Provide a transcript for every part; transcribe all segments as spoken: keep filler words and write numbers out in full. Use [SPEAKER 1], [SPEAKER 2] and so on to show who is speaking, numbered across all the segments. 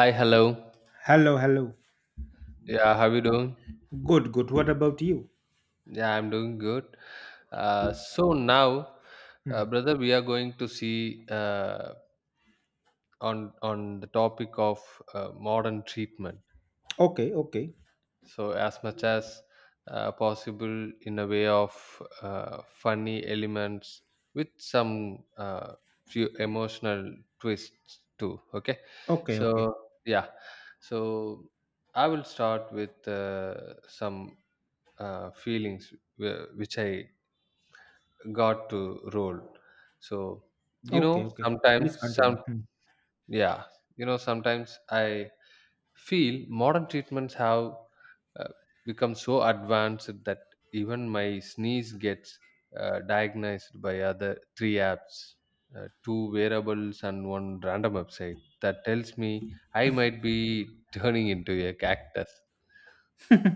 [SPEAKER 1] Hi, hello.
[SPEAKER 2] Hello, hello.
[SPEAKER 1] Yeah, how you doing?
[SPEAKER 2] Good, good. What about you?
[SPEAKER 1] Yeah, I'm doing good. Uh, so now, uh,
[SPEAKER 2] Hmm.
[SPEAKER 1] brother, we are going to see uh, on on the topic of uh, modern treatment.
[SPEAKER 2] Okay, okay,
[SPEAKER 1] So as much as uh, possible, in a way of uh, funny elements with some uh, few emotional twists too. Okay,
[SPEAKER 2] okay,
[SPEAKER 1] so
[SPEAKER 2] okay,
[SPEAKER 1] yeah, so I will start with uh, some uh, feelings wh- which I got to roll. So you
[SPEAKER 2] okay,
[SPEAKER 1] know,
[SPEAKER 2] okay. Please
[SPEAKER 1] sometimes
[SPEAKER 2] continue.
[SPEAKER 1] some yeah, you know, sometimes I feel modern treatments have uh, become so advanced that even my sneeze gets uh, diagnosed by other three apps, uh, two wearables, and one random website that tells me I might be turning into a cactus.
[SPEAKER 2] Hmm.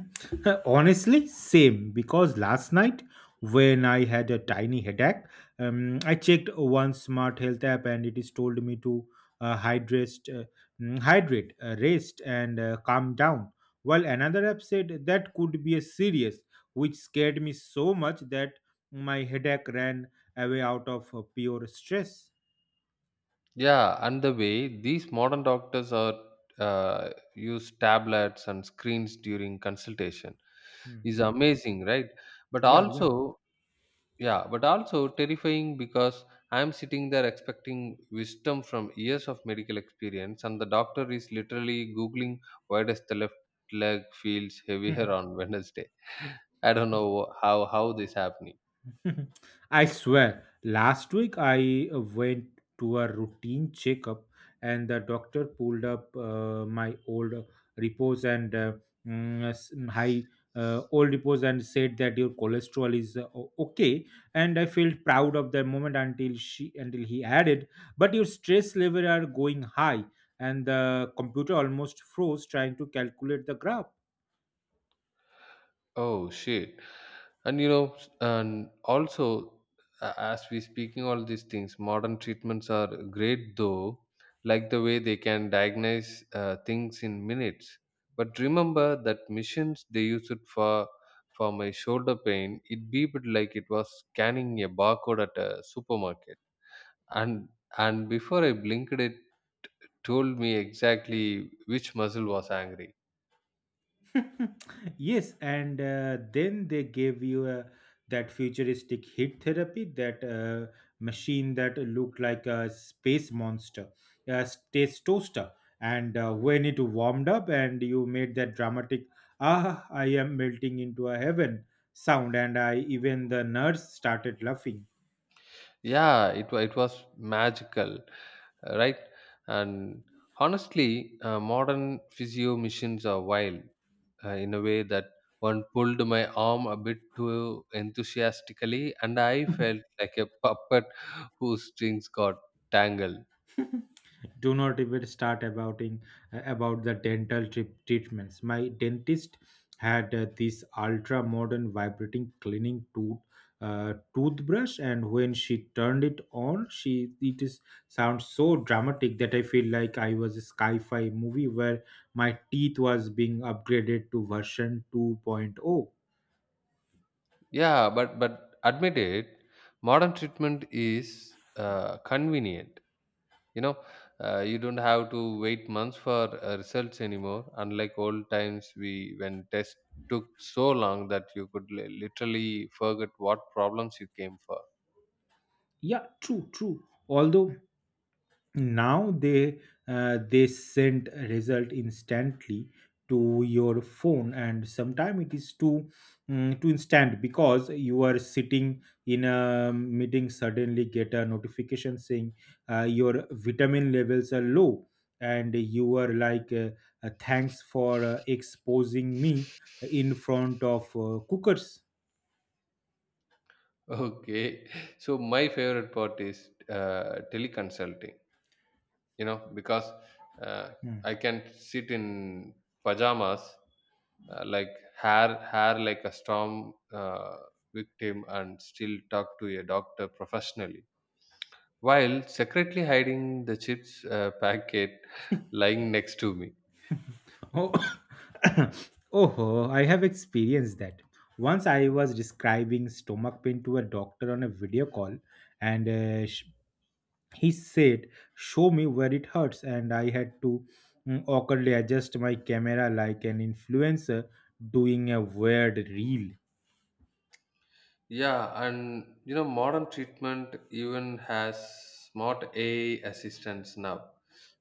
[SPEAKER 2] Honestly, same. Because last night, when I had a tiny headache, um, I checked one smart health app, and it is told me to uh, hydrate, uh, mm, hydrate, uh, rest, and uh, calm down. While another app said that could be a serious, which scared me so much that my headache ran away out of uh, pure stress.
[SPEAKER 1] Yeah, and the way these modern doctors are uh, use tablets and screens during consultation is
[SPEAKER 2] Mhm.
[SPEAKER 1] amazing, right? But
[SPEAKER 2] Yeah, yeah.
[SPEAKER 1] also, yeah, but also terrifying because I'm sitting there expecting wisdom from years of medical experience, and the doctor is literally googling why does the left leg feels heavier on Wednesday. I don't know how how this happening.
[SPEAKER 2] I swear, last week I uh, went to a routine checkup, and the doctor pulled up uh, my old repos and uh, mm, s- high uh, old repos and said that your cholesterol is uh, o- okay, and I felt proud of that moment until she until he added, but your stress level are going high, and the computer almost froze trying to calculate the graph.
[SPEAKER 1] Oh shit! And you know, s- and also a- as we speaking all these things, modern treatments are great though, like the way they can diagnose uh, things in minutes. But remember that machines they used it for for my shoulder pain. It beeped like it was scanning a barcode at a supermarket, and and before I blinked, it told me exactly which muscle was angry.
[SPEAKER 2] Yes, and uh, then they gave you a, that futuristic heat therapy, that uh, machine that looked like a space monster, a space toaster. And uh, when it warmed up, and you made that dramatic "Ah, I am melting into a heaven" sound, and I even the nurse started laughing.
[SPEAKER 1] Yeah, it, wa- it was magical, uh, right. And honestly, uh, modern physio machines are wild uh, in a way that one pulled my arm a bit too enthusiastically and I felt like a puppet whose strings got tangled.
[SPEAKER 2] Do not even start about in, about the dental trip treatments. My dentist had uh, this ultra modern vibrating cleaning tooth uh, toothbrush, and when she turned it on, she it is sounds so dramatic that I feel like I was a sci-fi movie where my teeth was being upgraded to version 2.0.
[SPEAKER 1] Yeah, but but admit it, modern treatment is uh, convenient, you know. Uh, you don't have to wait months for uh, results anymore, unlike old times we when tests took so long that you could li- literally forget what problems you came for.
[SPEAKER 2] Yeah, true true although now they uh, they send a result instantly to your phone, and sometimes it is too mm, too instant because you are sitting in a meeting, suddenly get a notification saying uh, your vitamin levels are low, and you are like uh, uh, thanks for uh, exposing me in front of uh, cookers.
[SPEAKER 1] Okay. So my favorite part is uh, teleconsulting, you know, because uh,
[SPEAKER 2] Hmm.
[SPEAKER 1] I can sit in pajamas, uh, like hair hair like a storm uh, victim, and still talk to a doctor professionally while secretly hiding the chips uh, packet lying next to me.
[SPEAKER 2] Oh, oh, I have experienced that. Once I was describing stomach pain to a doctor on a video call, and uh, sh- he said, show me where it hurts. And I had to mm, awkwardly adjust my camera like an influencer doing a weird reel.
[SPEAKER 1] Yeah, and you know, modern treatment even has smart A I assistants now.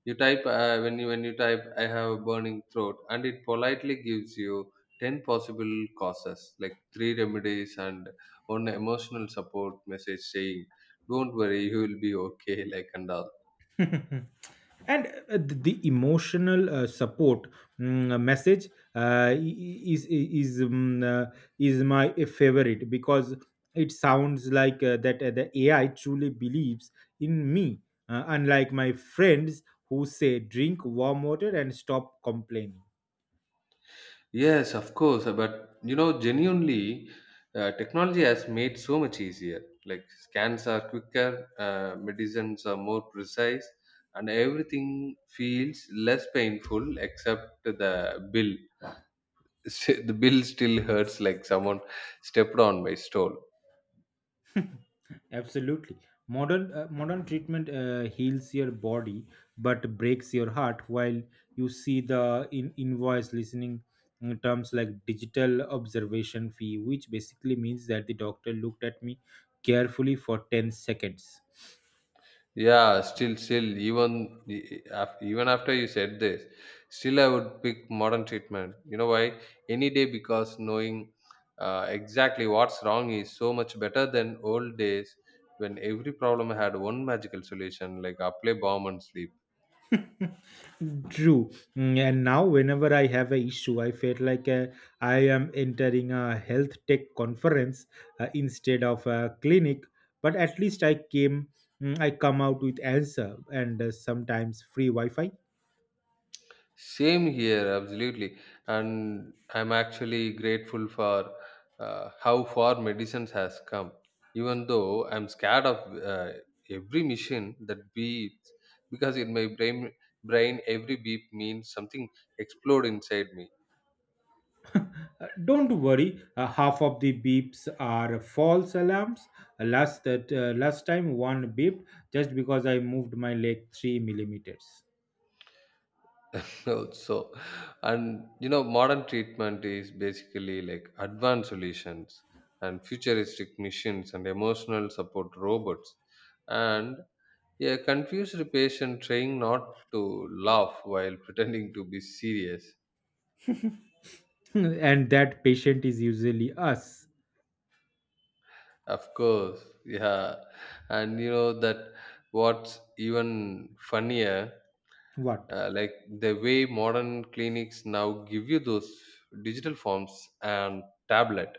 [SPEAKER 1] You type uh, when you when you type "I have a burning throat" and it politely gives you ten possible causes, like three remedies and one emotional support message saying, "Don't worry, you will be okay," like and all.
[SPEAKER 2] And uh, the the emotional uh, support mm, uh, message uh, is is um, uh, is my favorite because it sounds like uh, that uh, the A I truly believes in me, uh, unlike my friends who say drink warm water and stop complaining.
[SPEAKER 1] Yes, of course. uh, But you know, genuinely, uh, technology has made so much easier. Like scans are quicker, uh, medicines are more precise, and everything feels less painful except the bill. The bill still hurts like someone stepped on my stole.
[SPEAKER 2] Absolutely. Modern uh, modern treatment uh, heals your body but breaks your heart, while you see the in invoice listening in terms like digital observation fee, which basically means that the doctor looked at me carefully for ten seconds.
[SPEAKER 1] Yeah, still, still, even e- e- af- even after you said this, still I would pick modern treatment. You know why? Any day, because knowing uh, exactly what's wrong is so much better than old days when every problem had one magical solution like apply balm and sleep.
[SPEAKER 2] True. Mm, and now, whenever I have a issue, I felt like uh, I am entering a health tech conference uh, instead of a clinic. But at least I came, mm, I come out with answer and uh, sometimes free Wi-Fi.
[SPEAKER 1] Same here, absolutely. And I'm actually grateful for uh, how far medicines has come. Even though I'm scared of uh, every machine that beeps, because in my brain, brain every beep means something explode inside me.
[SPEAKER 2] Uh, don't worry, uh, half of the beeps are false alarms. Uh, Last that uh, last time, one beeped just because I moved my leg three millimeters.
[SPEAKER 1] So, and you know modern treatment is basically like advanced solutions and futuristic machines and emotional support robots and a confused patient trying not to laugh while pretending to be serious.
[SPEAKER 2] And that patient is usually us.
[SPEAKER 1] Of course, yeah. And you know that what's even funnier,
[SPEAKER 2] What?
[SPEAKER 1] uh, like the way modern clinics now give you those digital forms and tablet.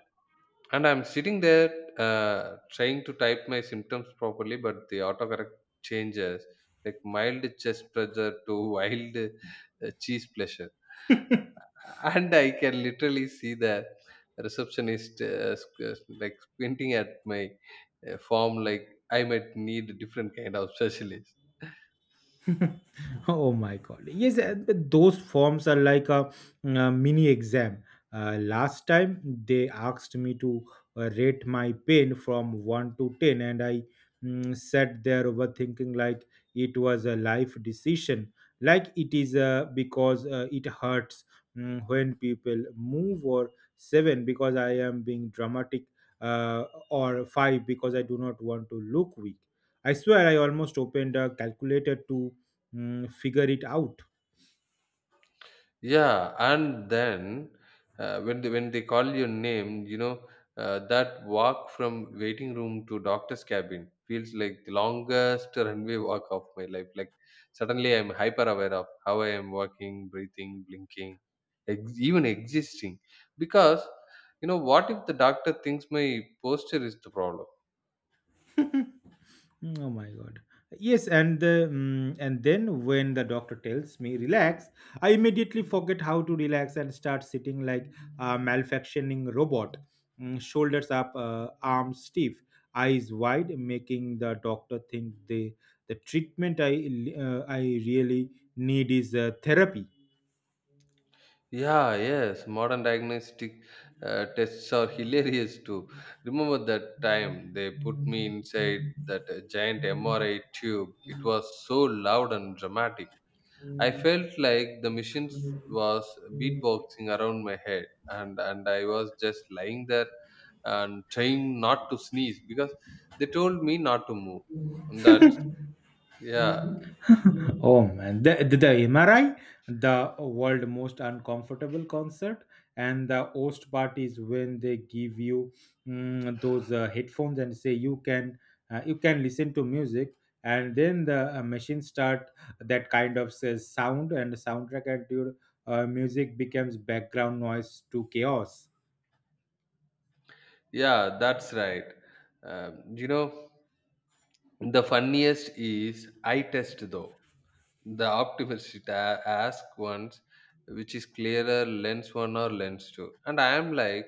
[SPEAKER 1] And I'm sitting there uh, trying to type my symptoms properly, but the autocorrect changes like mild chest pressure to wild uh, cheese pleasure. And I can literally see the receptionist uh, squ- like squinting at my uh, form, like I might need a different kind of specialist.
[SPEAKER 2] Oh my God. Yes, uh, but those forms are like a, uh mini exam. Uh, last time they asked me to uh, rate my pain from one to ten, and I mm, sat there overthinking like it was a life decision. Like it is uh, because uh, it hurts mm, when people move, or seven because I am being dramatic, uh, or five because I do not want to look weak. I swear I almost opened a calculator to mm, figure it out.
[SPEAKER 1] Yeah, and then uh, when they, when they call your name, you know, uh, that walk from waiting room to doctor's cabin feels like the longest runway walk of my life. Like suddenly I'm hyper aware of how I am walking, breathing, blinking, ex- even existing. Because you know, what if the doctor thinks my posture is the problem?
[SPEAKER 2] Mm, oh my god. Yes, and the mm, and then when the doctor tells me relax, I immediately forget how to relax and start sitting like a malfunctioning robot, mm, shoulders up, uh, arms stiff, eyes wide, making the doctor think the the treatment I uh, I really need is uh, therapy.
[SPEAKER 1] Yeah, yes, modern diagnostic uh, tests are hilarious too. Remember that time they put me inside that uh, giant M R I tube? It was so loud and dramatic. I felt like the machine was beatboxing around my head, and, and I was just lying there and trying not to sneeze because they told me not to move. And That's yeah,
[SPEAKER 2] Oh man, the, the, the M R I, the world most uncomfortable concert, and the host part is when they give you mm, those uh, headphones and say you can uh, you can listen to music, and then the uh, machine start that kind of says sound and the soundtrack and your uh, music becomes background noise to chaos.
[SPEAKER 1] yeah, that's right. Um, you know, the funniest is I test though. The optimist ta- ask once which is clearer, lens one or lens two. And I am like,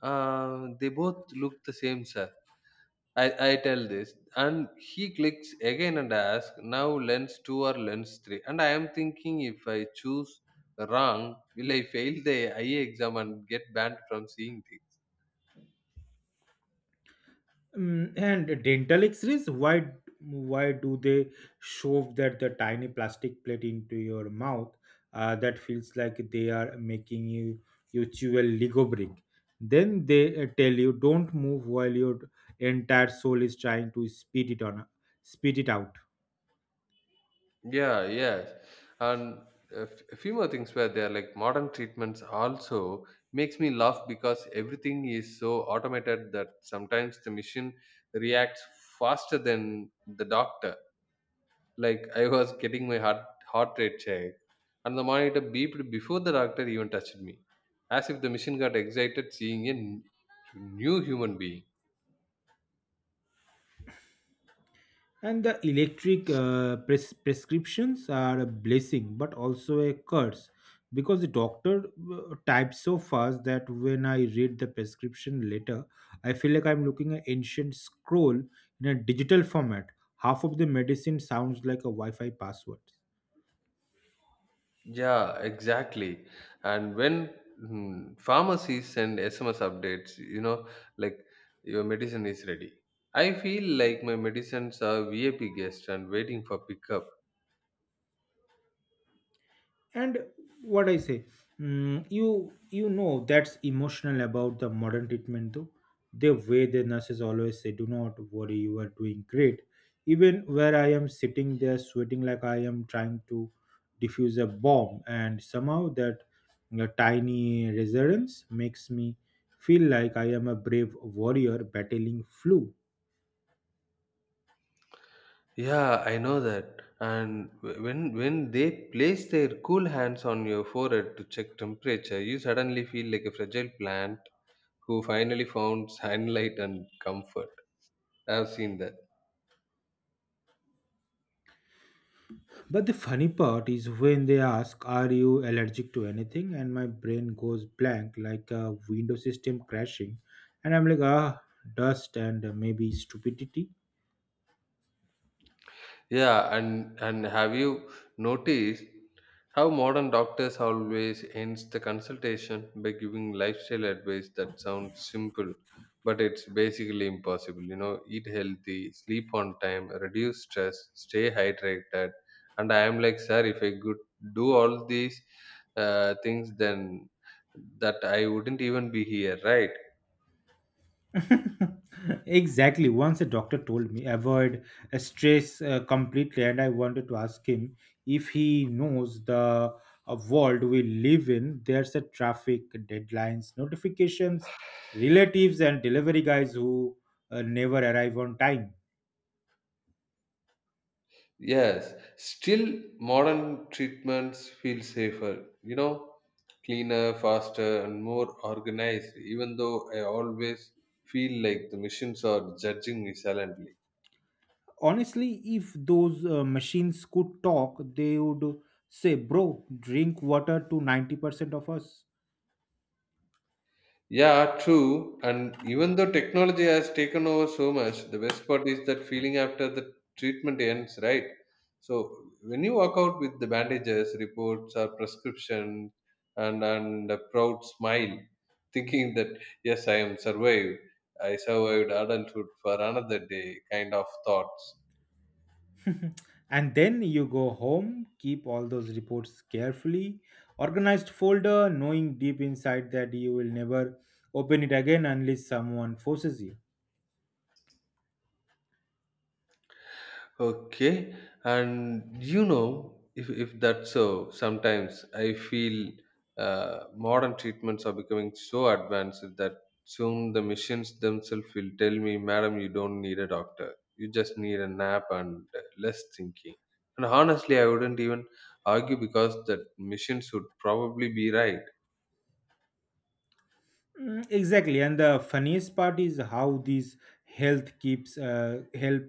[SPEAKER 1] uh, they both look the same, sir. I, I tell this. And he clicks again and asks, now lens two or lens three. And I am thinking if I choose wrong, will I fail the eye exam and get banned from seeing things?
[SPEAKER 2] Mm, and dental x-rays, why why do they shove that the tiny plastic plate into your mouth uh, that feels like they are making you you chew a lego brick, then they uh, tell you don't move while your entire soul is trying to spit it on spit it out.
[SPEAKER 1] Yeah, yes. And a f- a few more things where they're like modern treatments also makes me laugh because everything is so automated that sometimes the machine reacts faster than the doctor. Like I was getting my heart heart rate checked and the monitor beeped before the doctor even touched me, as if the machine got excited seeing a n- new human being.
[SPEAKER 2] And the electric uh, pres- prescriptions are a blessing but also a curse because the doctor uh, types so fast that when I read the prescription letter, I feel like I'm looking at ancient scroll in a digital format. Half of the medicine sounds like a Wi Fi password.
[SPEAKER 1] Yeah, exactly. And when mm, pharmacies send S M S updates, you know, like your medicine is ready. I feel like my medicines are V I P guests and waiting for pickup.
[SPEAKER 2] And what I say, mm, you you know that's emotional about the modern treatment though, the way the nurses always say do not worry, you are doing great, even where I am sitting there sweating like I am trying to defuse a bomb, and somehow that uh, tiny resonance makes me feel like I am a brave warrior battling flu.
[SPEAKER 1] Yeah, I know that. And wh- when when they place their cool hands on your forehead to check temperature, you suddenly feel like a fragile plant who finally found sunlight and comfort. I've seen that.
[SPEAKER 2] But the funny part is when they ask, are you allergic to anything? And my brain goes blank like a window system crashing. And I'm like, ah, dust and maybe stupidity.
[SPEAKER 1] Yeah, and and have you noticed how modern doctors always ends the consultation by giving lifestyle advice that sounds simple, but it's basically impossible. You know, eat healthy, sleep on time, reduce stress, stay hydrated. And I am like, sir, if I could do all these uh, things, then that I wouldn't even be here, right?
[SPEAKER 2] Exactly. Once a doctor told me, avoid uh, stress uh, completely. And I wanted to ask him if he knows the uh, world we live in. There's a traffic, deadlines, notifications, relatives, and delivery guys who uh, never arrive on time.
[SPEAKER 1] Yes, still modern treatments feel safer, you know, cleaner, faster, and more organized, even though I always feel like the machines are judging me silently.
[SPEAKER 2] Honestly, if those uh, machines could talk, they would say bro drink water to ninety percent of us.
[SPEAKER 1] Yeah, true. And even though technology has taken over so much, the best part is that feeling after the treatment ends, right? So when you walk out with the bandages, reports, or prescription, and and a proud smile, thinking that yes, I am survived. I survived adulthood for another day, kind of thoughts.
[SPEAKER 2] And then you go home, keep all those reports carefully organized folder, knowing deep inside that you will never open it again unless someone forces you.
[SPEAKER 1] Okay, and you know, if if that's so, sometimes I feel uh, modern treatments are becoming so advanced that soon the machines themselves will tell me, "Madam, you don't need a doctor. You just need a nap and less thinking." And honestly, I wouldn't even argue because that machines would probably be right.
[SPEAKER 2] Mm, exactly, and the funniest part is how these health keeps uh, help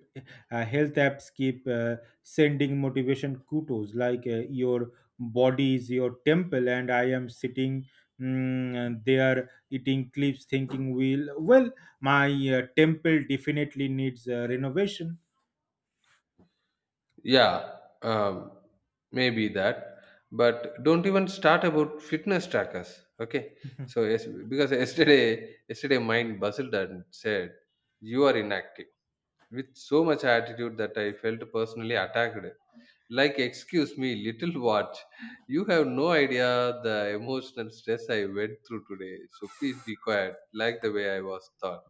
[SPEAKER 2] uh, health apps keep uh, sending motivation kudos like uh, your body is your temple, and I am sitting mm, there eating clips, thinking, "Will well, my uh, temple definitely needs uh, renovation."
[SPEAKER 1] Yeah, um, maybe that. But don't even start about fitness trackers. Okay, so yes, because yesterday, yesterday, mind buzzed and said, "You are inactive." With so much attitude that I felt personally attacked. Like, excuse me, little watch. You have no idea the emotional stress I went through today. So please be quiet, like the way I was thought.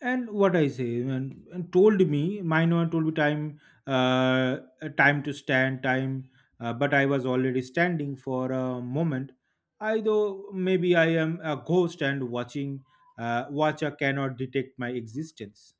[SPEAKER 2] And what I say, and, and told me my Minor told me time uh, time to stand time uh, but I was already standing for a moment. I though maybe I am a ghost and watching uh, watcher cannot detect my existence.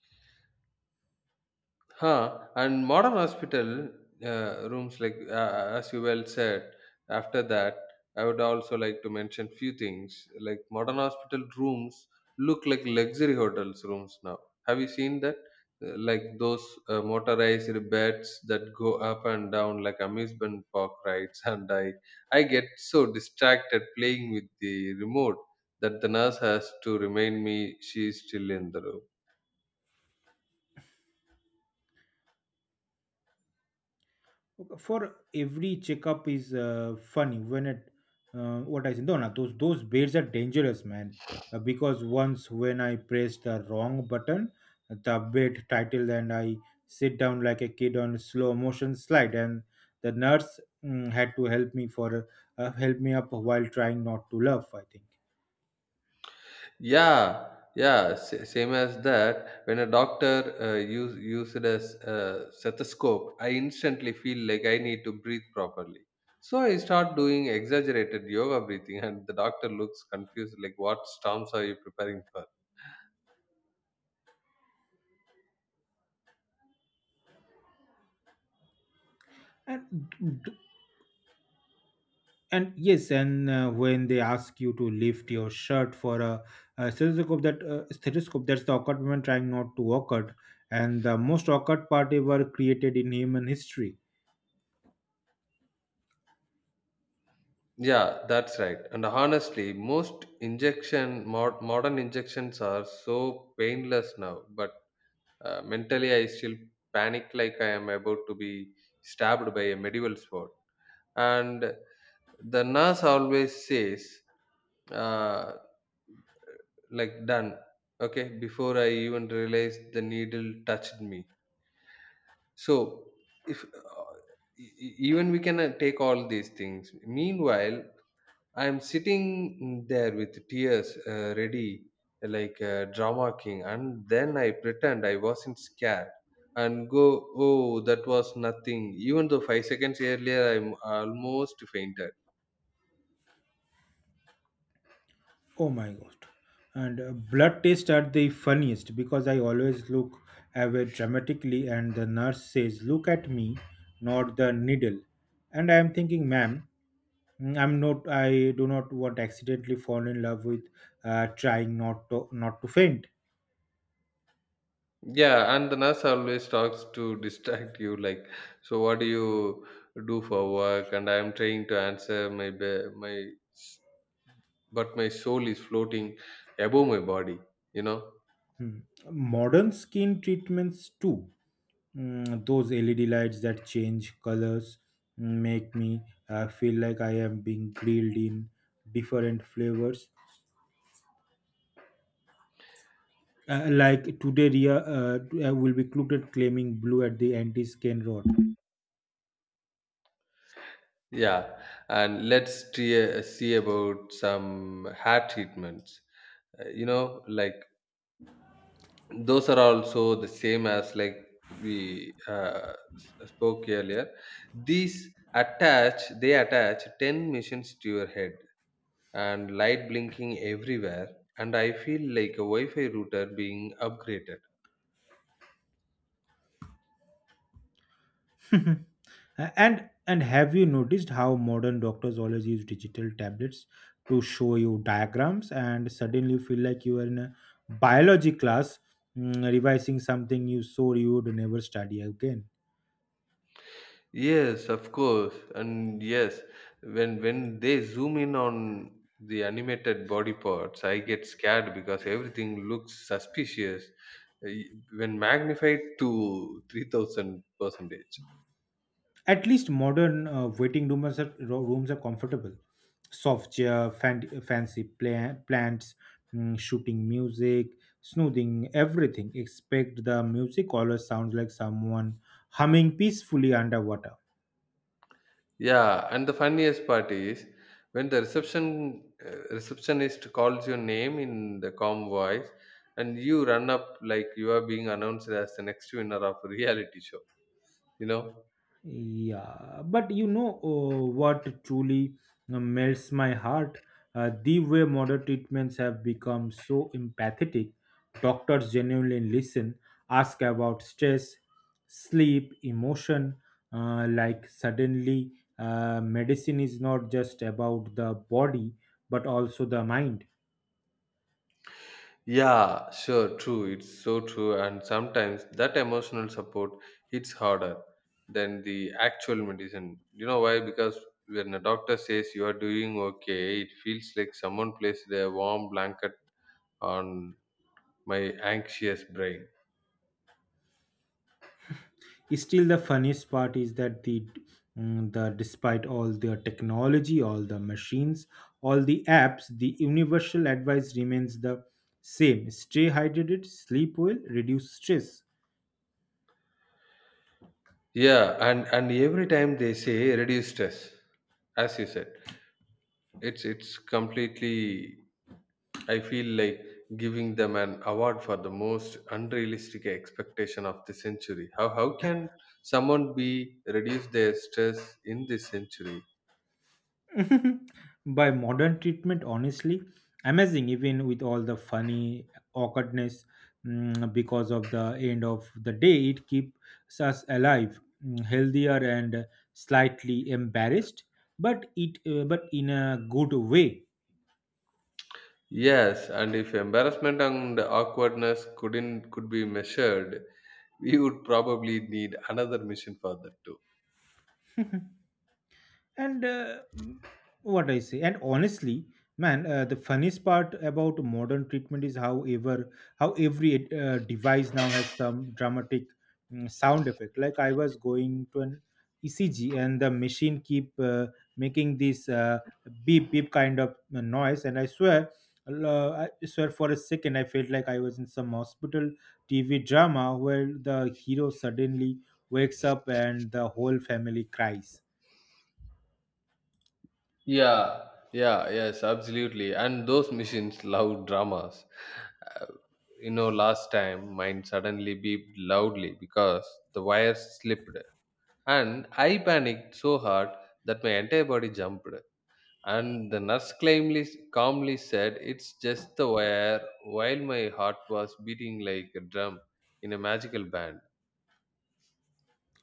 [SPEAKER 1] Huh. And modern hospital uh, rooms, like uh, as you well said, after that, I would also like to mention few things. Like modern hospital rooms look like luxury hotels rooms now. Have you seen that? Uh, Like those uh, motorized beds that go up and down like amusement park rides, and I, I get so distracted playing with the remote that the nurse has to remind me she is still in the room.
[SPEAKER 2] Okay, for every checkup is uh, funny when it uh, what I said. No, no, those those blades are dangerous, man. Uh, because once when I pressed the wrong button, the blade titled, and I sit down like a kid on slow motion slide, and the nurse mm, had to help me for uh, help me up while trying not to laugh. I think.
[SPEAKER 1] Yeah, yeah, sa- same as that. When a doctor uh, use use it as a stethoscope, I instantly feel like I need to breathe properly. So I start doing exaggerated yoga breathing, and the doctor looks confused, like, "What storms are you preparing for?"
[SPEAKER 2] And d- and yes, and uh, when they ask you to lift your shirt for a, a stethoscope, that uh, stethoscope that's the awkward moment, trying not to awkward and the most awkward part ever created in human history.
[SPEAKER 1] Yeah, that's right. And honestly, most injection mod- modern injections are so painless now, but uh, mentally I still panic like I am about to be stabbed by a medieval sword. And the nurse always says uh, like done, okay, before I even realized the needle touched me. So if, uh, e- e- even we can uh, take all these things, meanwhile I am sitting there with tears uh, ready like a drama king, and then I pretend I wasn't scared and go oh that was nothing even though five seconds earlier I'm almost fainted.
[SPEAKER 2] Oh my god, and uh, blood tests are the funniest because I always look away dramatically, and the nurse says, look at me, not the needle, and I am thinking, ma'am, mm, i'm not I do not want to accidentally fall in love with uh, trying not to not to faint.
[SPEAKER 1] Yeah, and the nurse always talks to distract you, like, so what do you do for work? And I am trying to answer my be- my, s- but my soul is floating above my body, you know.
[SPEAKER 2] Hmm. Modern skin treatments too. Mm, those L E D lights that change colors mm, make me uh, feel like I am being grilled in different flavors. Uh, like today, Ria uh, will be quoted claiming blue at the anti-skin rot.
[SPEAKER 1] Yeah, and let's trea- see about some hair treatments. Uh, you know, like those are also the same as like we uh, s- spoke earlier. These attach, they attach ten machines to your head and light blinking everywhere, and I feel like a Wi Fi router being upgraded.
[SPEAKER 2] Mhm. A- and and have you noticed how modern doctors always use digital tablets to show you diagrams, and suddenly you feel like you are in a biology class mm, revising something you swore you would never study again.
[SPEAKER 1] Yes, of course, and yes, when when they zoom in on the animated body parts, I get scared because everything looks suspicious uh, when magnified to three thousand percentage.
[SPEAKER 2] At least modern uh, waiting rooms are, ro- rooms are comfortable: soft chair fan, fancy pla- plants, mm, shooting music, smoothing everything, expect the music always sounds like someone humming peacefully underwater.
[SPEAKER 1] Yeah, and the funniest part is when the reception uh, receptionist calls your name in the calm voice, and you run up like you are being announced as the next winner of a reality show. You know?
[SPEAKER 2] Yeah, but you know uh, what truly uh, melts my heart? Uh, the way modern treatments have become so empathetic. Doctors genuinely listen, ask about stress, sleep, emotion. Uh, like suddenly, uh, medicine is not just about the body but also the mind.
[SPEAKER 1] Yeah, sure, true. It's so true, and sometimes that emotional support hits harder than the actual medicine. You know why? Because when a doctor says you are doing okay, it feels like someone placed a warm blanket on my anxious brain.
[SPEAKER 2] Still the funniest part is that the mm, the despite all the technology, all the machines, all the apps, the universal advice remains the same: stay hydrated, sleep well, reduce stress.
[SPEAKER 1] Yeah, and and every time they say reduce stress, as you said, it's it's completely. I feel like giving them an award for the most unrealistic expectation of the century. How how can someone be reduce their stress in this century?
[SPEAKER 2] By modern treatment, honestly amazing, even with all the funny awkwardness, mm, because of the end of the day it keeps us alive, mm, healthier and slightly embarrassed, but it uh, but in a good way.
[SPEAKER 1] Yes, and if embarrassment and awkwardness couldn't could be measured, we would probably need another mission for that too.
[SPEAKER 2] And uh, mm, what I say, and honestly man, uh, the funniest part about modern treatment is however how every uh, device now has some dramatic mm, sound effect. Like I was going to an ecg and the machine keep uh, making this uh, beep beep kind of uh, noise, and i swear uh, I swear for a second, I felt like I was in some hospital T V drama where the hero suddenly wakes up and the whole family cries.
[SPEAKER 1] Yeah, yeah, yes, absolutely. And those machines love dramas. Uh, you know, last time mine suddenly beeped loudly because the wires slipped, and I panicked so hard that my entire body jumped. And the nurse calmly, calmly said, "It's just the wire," while my heart was beating like a drum in a magical band.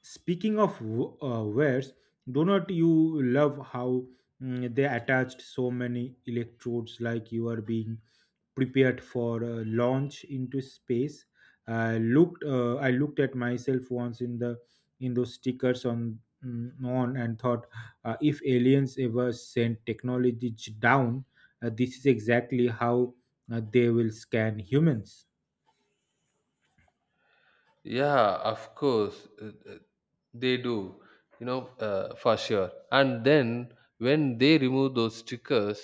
[SPEAKER 2] Speaking of w- uh, wares, do not you love how mm, they attached so many electrodes like you are being prepared for uh, launch into space? I looked. Uh, I looked at myself once in the in those stickers on mm, on and thought, uh, if aliens ever send technology j- down, uh, this is exactly how uh, they will scan humans.
[SPEAKER 1] Yeah, of course, uh, uh, they do, you know, uh, for sure. And then when they remove those stickers,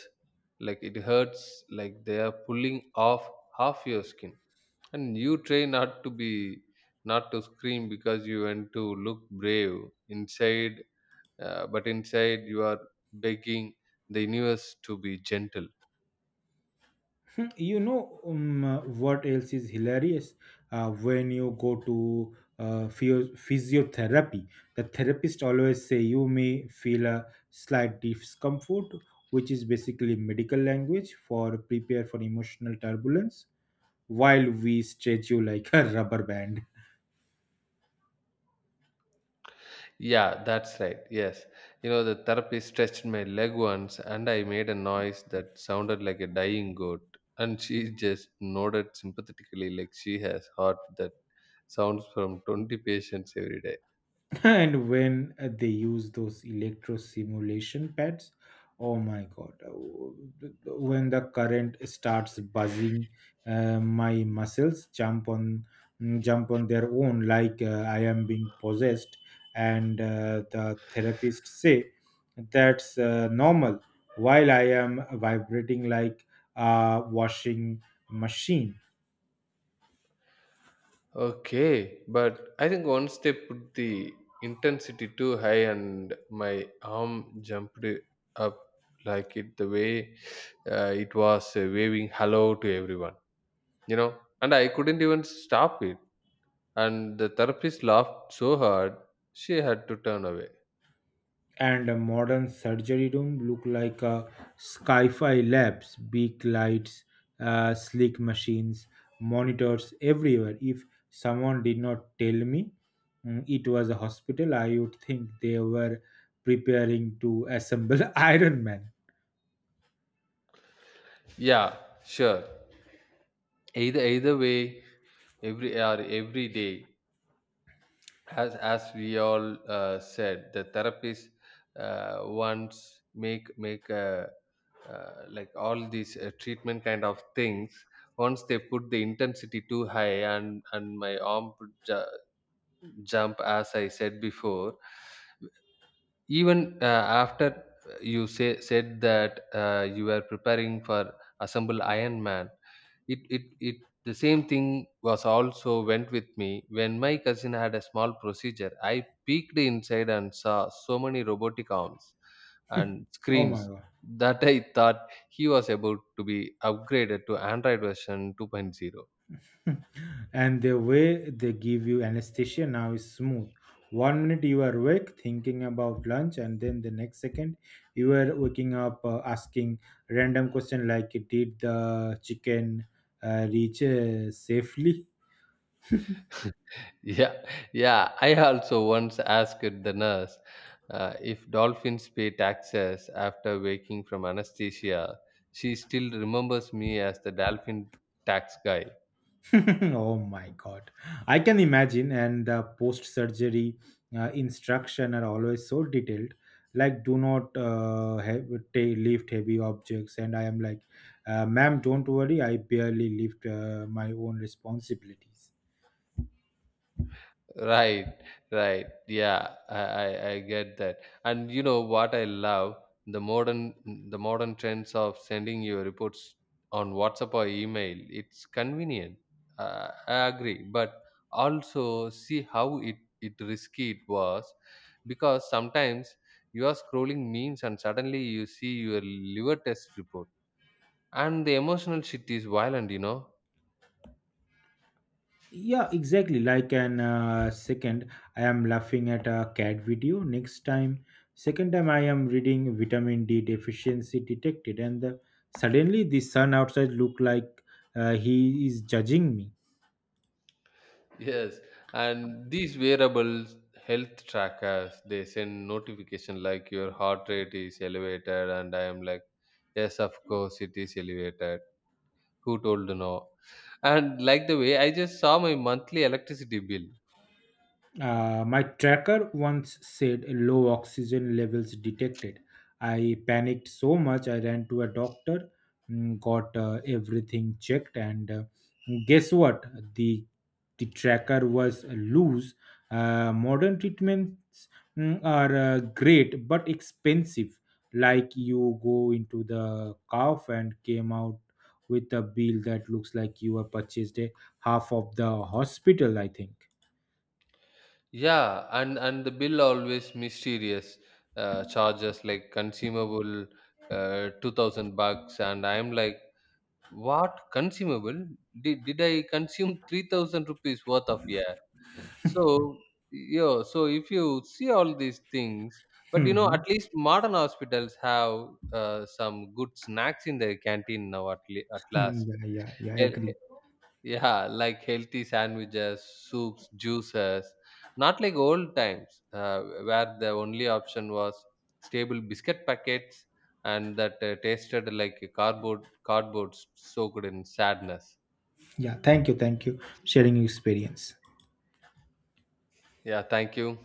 [SPEAKER 1] like it hurts, like they are pulling off half your skin. And you try not to be, not to scream because you want to look brave inside, uh, but inside you are begging the universe to be gentle.
[SPEAKER 2] Hmm, you know um, uh, what else is hilarious? Uh, when you go to uh, physio- physiotherapy, the therapist always say you may feel a slight discomfort, which is basically medical language for prepare for emotional turbulence, while we stretch you like a rubber band.
[SPEAKER 1] Yeah, that's right. Yes. You know, the therapist stretched my leg once and I made a noise that sounded like a dying goat. And she just nodded sympathetically, like she has heard that sounds from twenty patients every day.
[SPEAKER 2] And when uh, they use those electro simulation pads, oh my god, uh, when the current starts buzzing, uh, my muscles jump on mm, jump on their own like uh, I am being possessed, and uh, the therapists say that's uh, normal while I am vibrating like a washing machine.
[SPEAKER 1] Okay, but I think once they put the intensity too high and my arm jumped up like it the way uh, it was uh, waving hello to everyone, you know, and I couldn't even stop it. And the therapist laughed so hard she had to turn away.
[SPEAKER 2] And a modern surgery room look like a sci-fi labs: big lights, uh, sleek machines, monitors everywhere. If someone did not tell me mm, it was a hospital, I would think they were preparing to assemble iron man.
[SPEAKER 1] Yeah, sure. Either either way, every hour, every day, as as we all uh, said, the therapist uh, once make make a uh, like all these uh, treatment kind of things once they put the intensity too high and and my arm would ju- jump as I said before even uh, after you say said that uh, you were preparing for assemble iron man it it it the same thing was also went with me when my cousin had a small procedure. I peeked inside and saw so many robotic arms and
[SPEAKER 2] Oh my
[SPEAKER 1] screens
[SPEAKER 2] god.
[SPEAKER 1] that I thought he was about to be upgraded to android version 2.0.
[SPEAKER 2] And the way they give you anesthesia now is smooth. One minute you are awake thinking about lunch, and then the next second you are waking up uh, asking random question like, "Did the chicken uh, reach uh, safely?"
[SPEAKER 1] yeah yeah I also once asked the nurse uh, if dolphins pay taxes after waking from anesthesia. She still remembers me as the dolphin tax guy.
[SPEAKER 2] Oh my god, I can imagine. And the post surgery uh, instruction are always so detailed, like do not uh, have, ta- lift heavy objects, and I am like, uh, ma'am, don't worry, I barely lift uh, my own responsibilities.
[SPEAKER 1] Right, right. Yeah, I, I, I get that. And you know what I love? The modern the modern trends of sending your reports on WhatsApp or email. It's convenient. Uh, I agree. But also see how it, it risky it was because sometimes you are scrolling memes and suddenly you see your liver test report. And the emotional shit is violent, you know.
[SPEAKER 2] Yeah, exactly. Like an uh, second, I am laughing at a cat video. Next time, second time, I am reading vitamin D deficiency detected, and the, suddenly the sun outside look like uh, he is judging me.
[SPEAKER 1] Yes, and these wearables, health trackers, they send notification like your heart rate is elevated, and I am like, yes, of course, it is elevated. Who told no? And like the way I just saw my monthly electricity bill.
[SPEAKER 2] Uh, my tracker once said low oxygen levels detected. I panicked so much, I ran to a doctor, mm, got uh, everything checked, and uh, guess what? The, the tracker was loose. Uh, modern treatments mm, are uh, great but expensive. Like you go into the cough and came out with a bill that looks like you have purchased a half of the hospital, I think.
[SPEAKER 1] Yeah, and and the bill always mysterious uh, charges like consumable uh, two thousand bucks, and I am like, what consumable? Did did I consume three thousand rupees worth of yeah? So, yeah, so if you see all these things, but you know, at least modern hospitals have uh, some good snacks in their canteen now, at, le- at last.
[SPEAKER 2] Mm, yeah, yeah, yeah, I
[SPEAKER 1] Hel-
[SPEAKER 2] agree.
[SPEAKER 1] Yeah, like healthy sandwiches, soups, juices, not like old times uh, where the only option was stable biscuit packets and that uh, tasted like a cardboard, cardboard soaked in sadness.
[SPEAKER 2] Yeah, thank you, thank you, sharing your experience.
[SPEAKER 1] Yeah, thank you.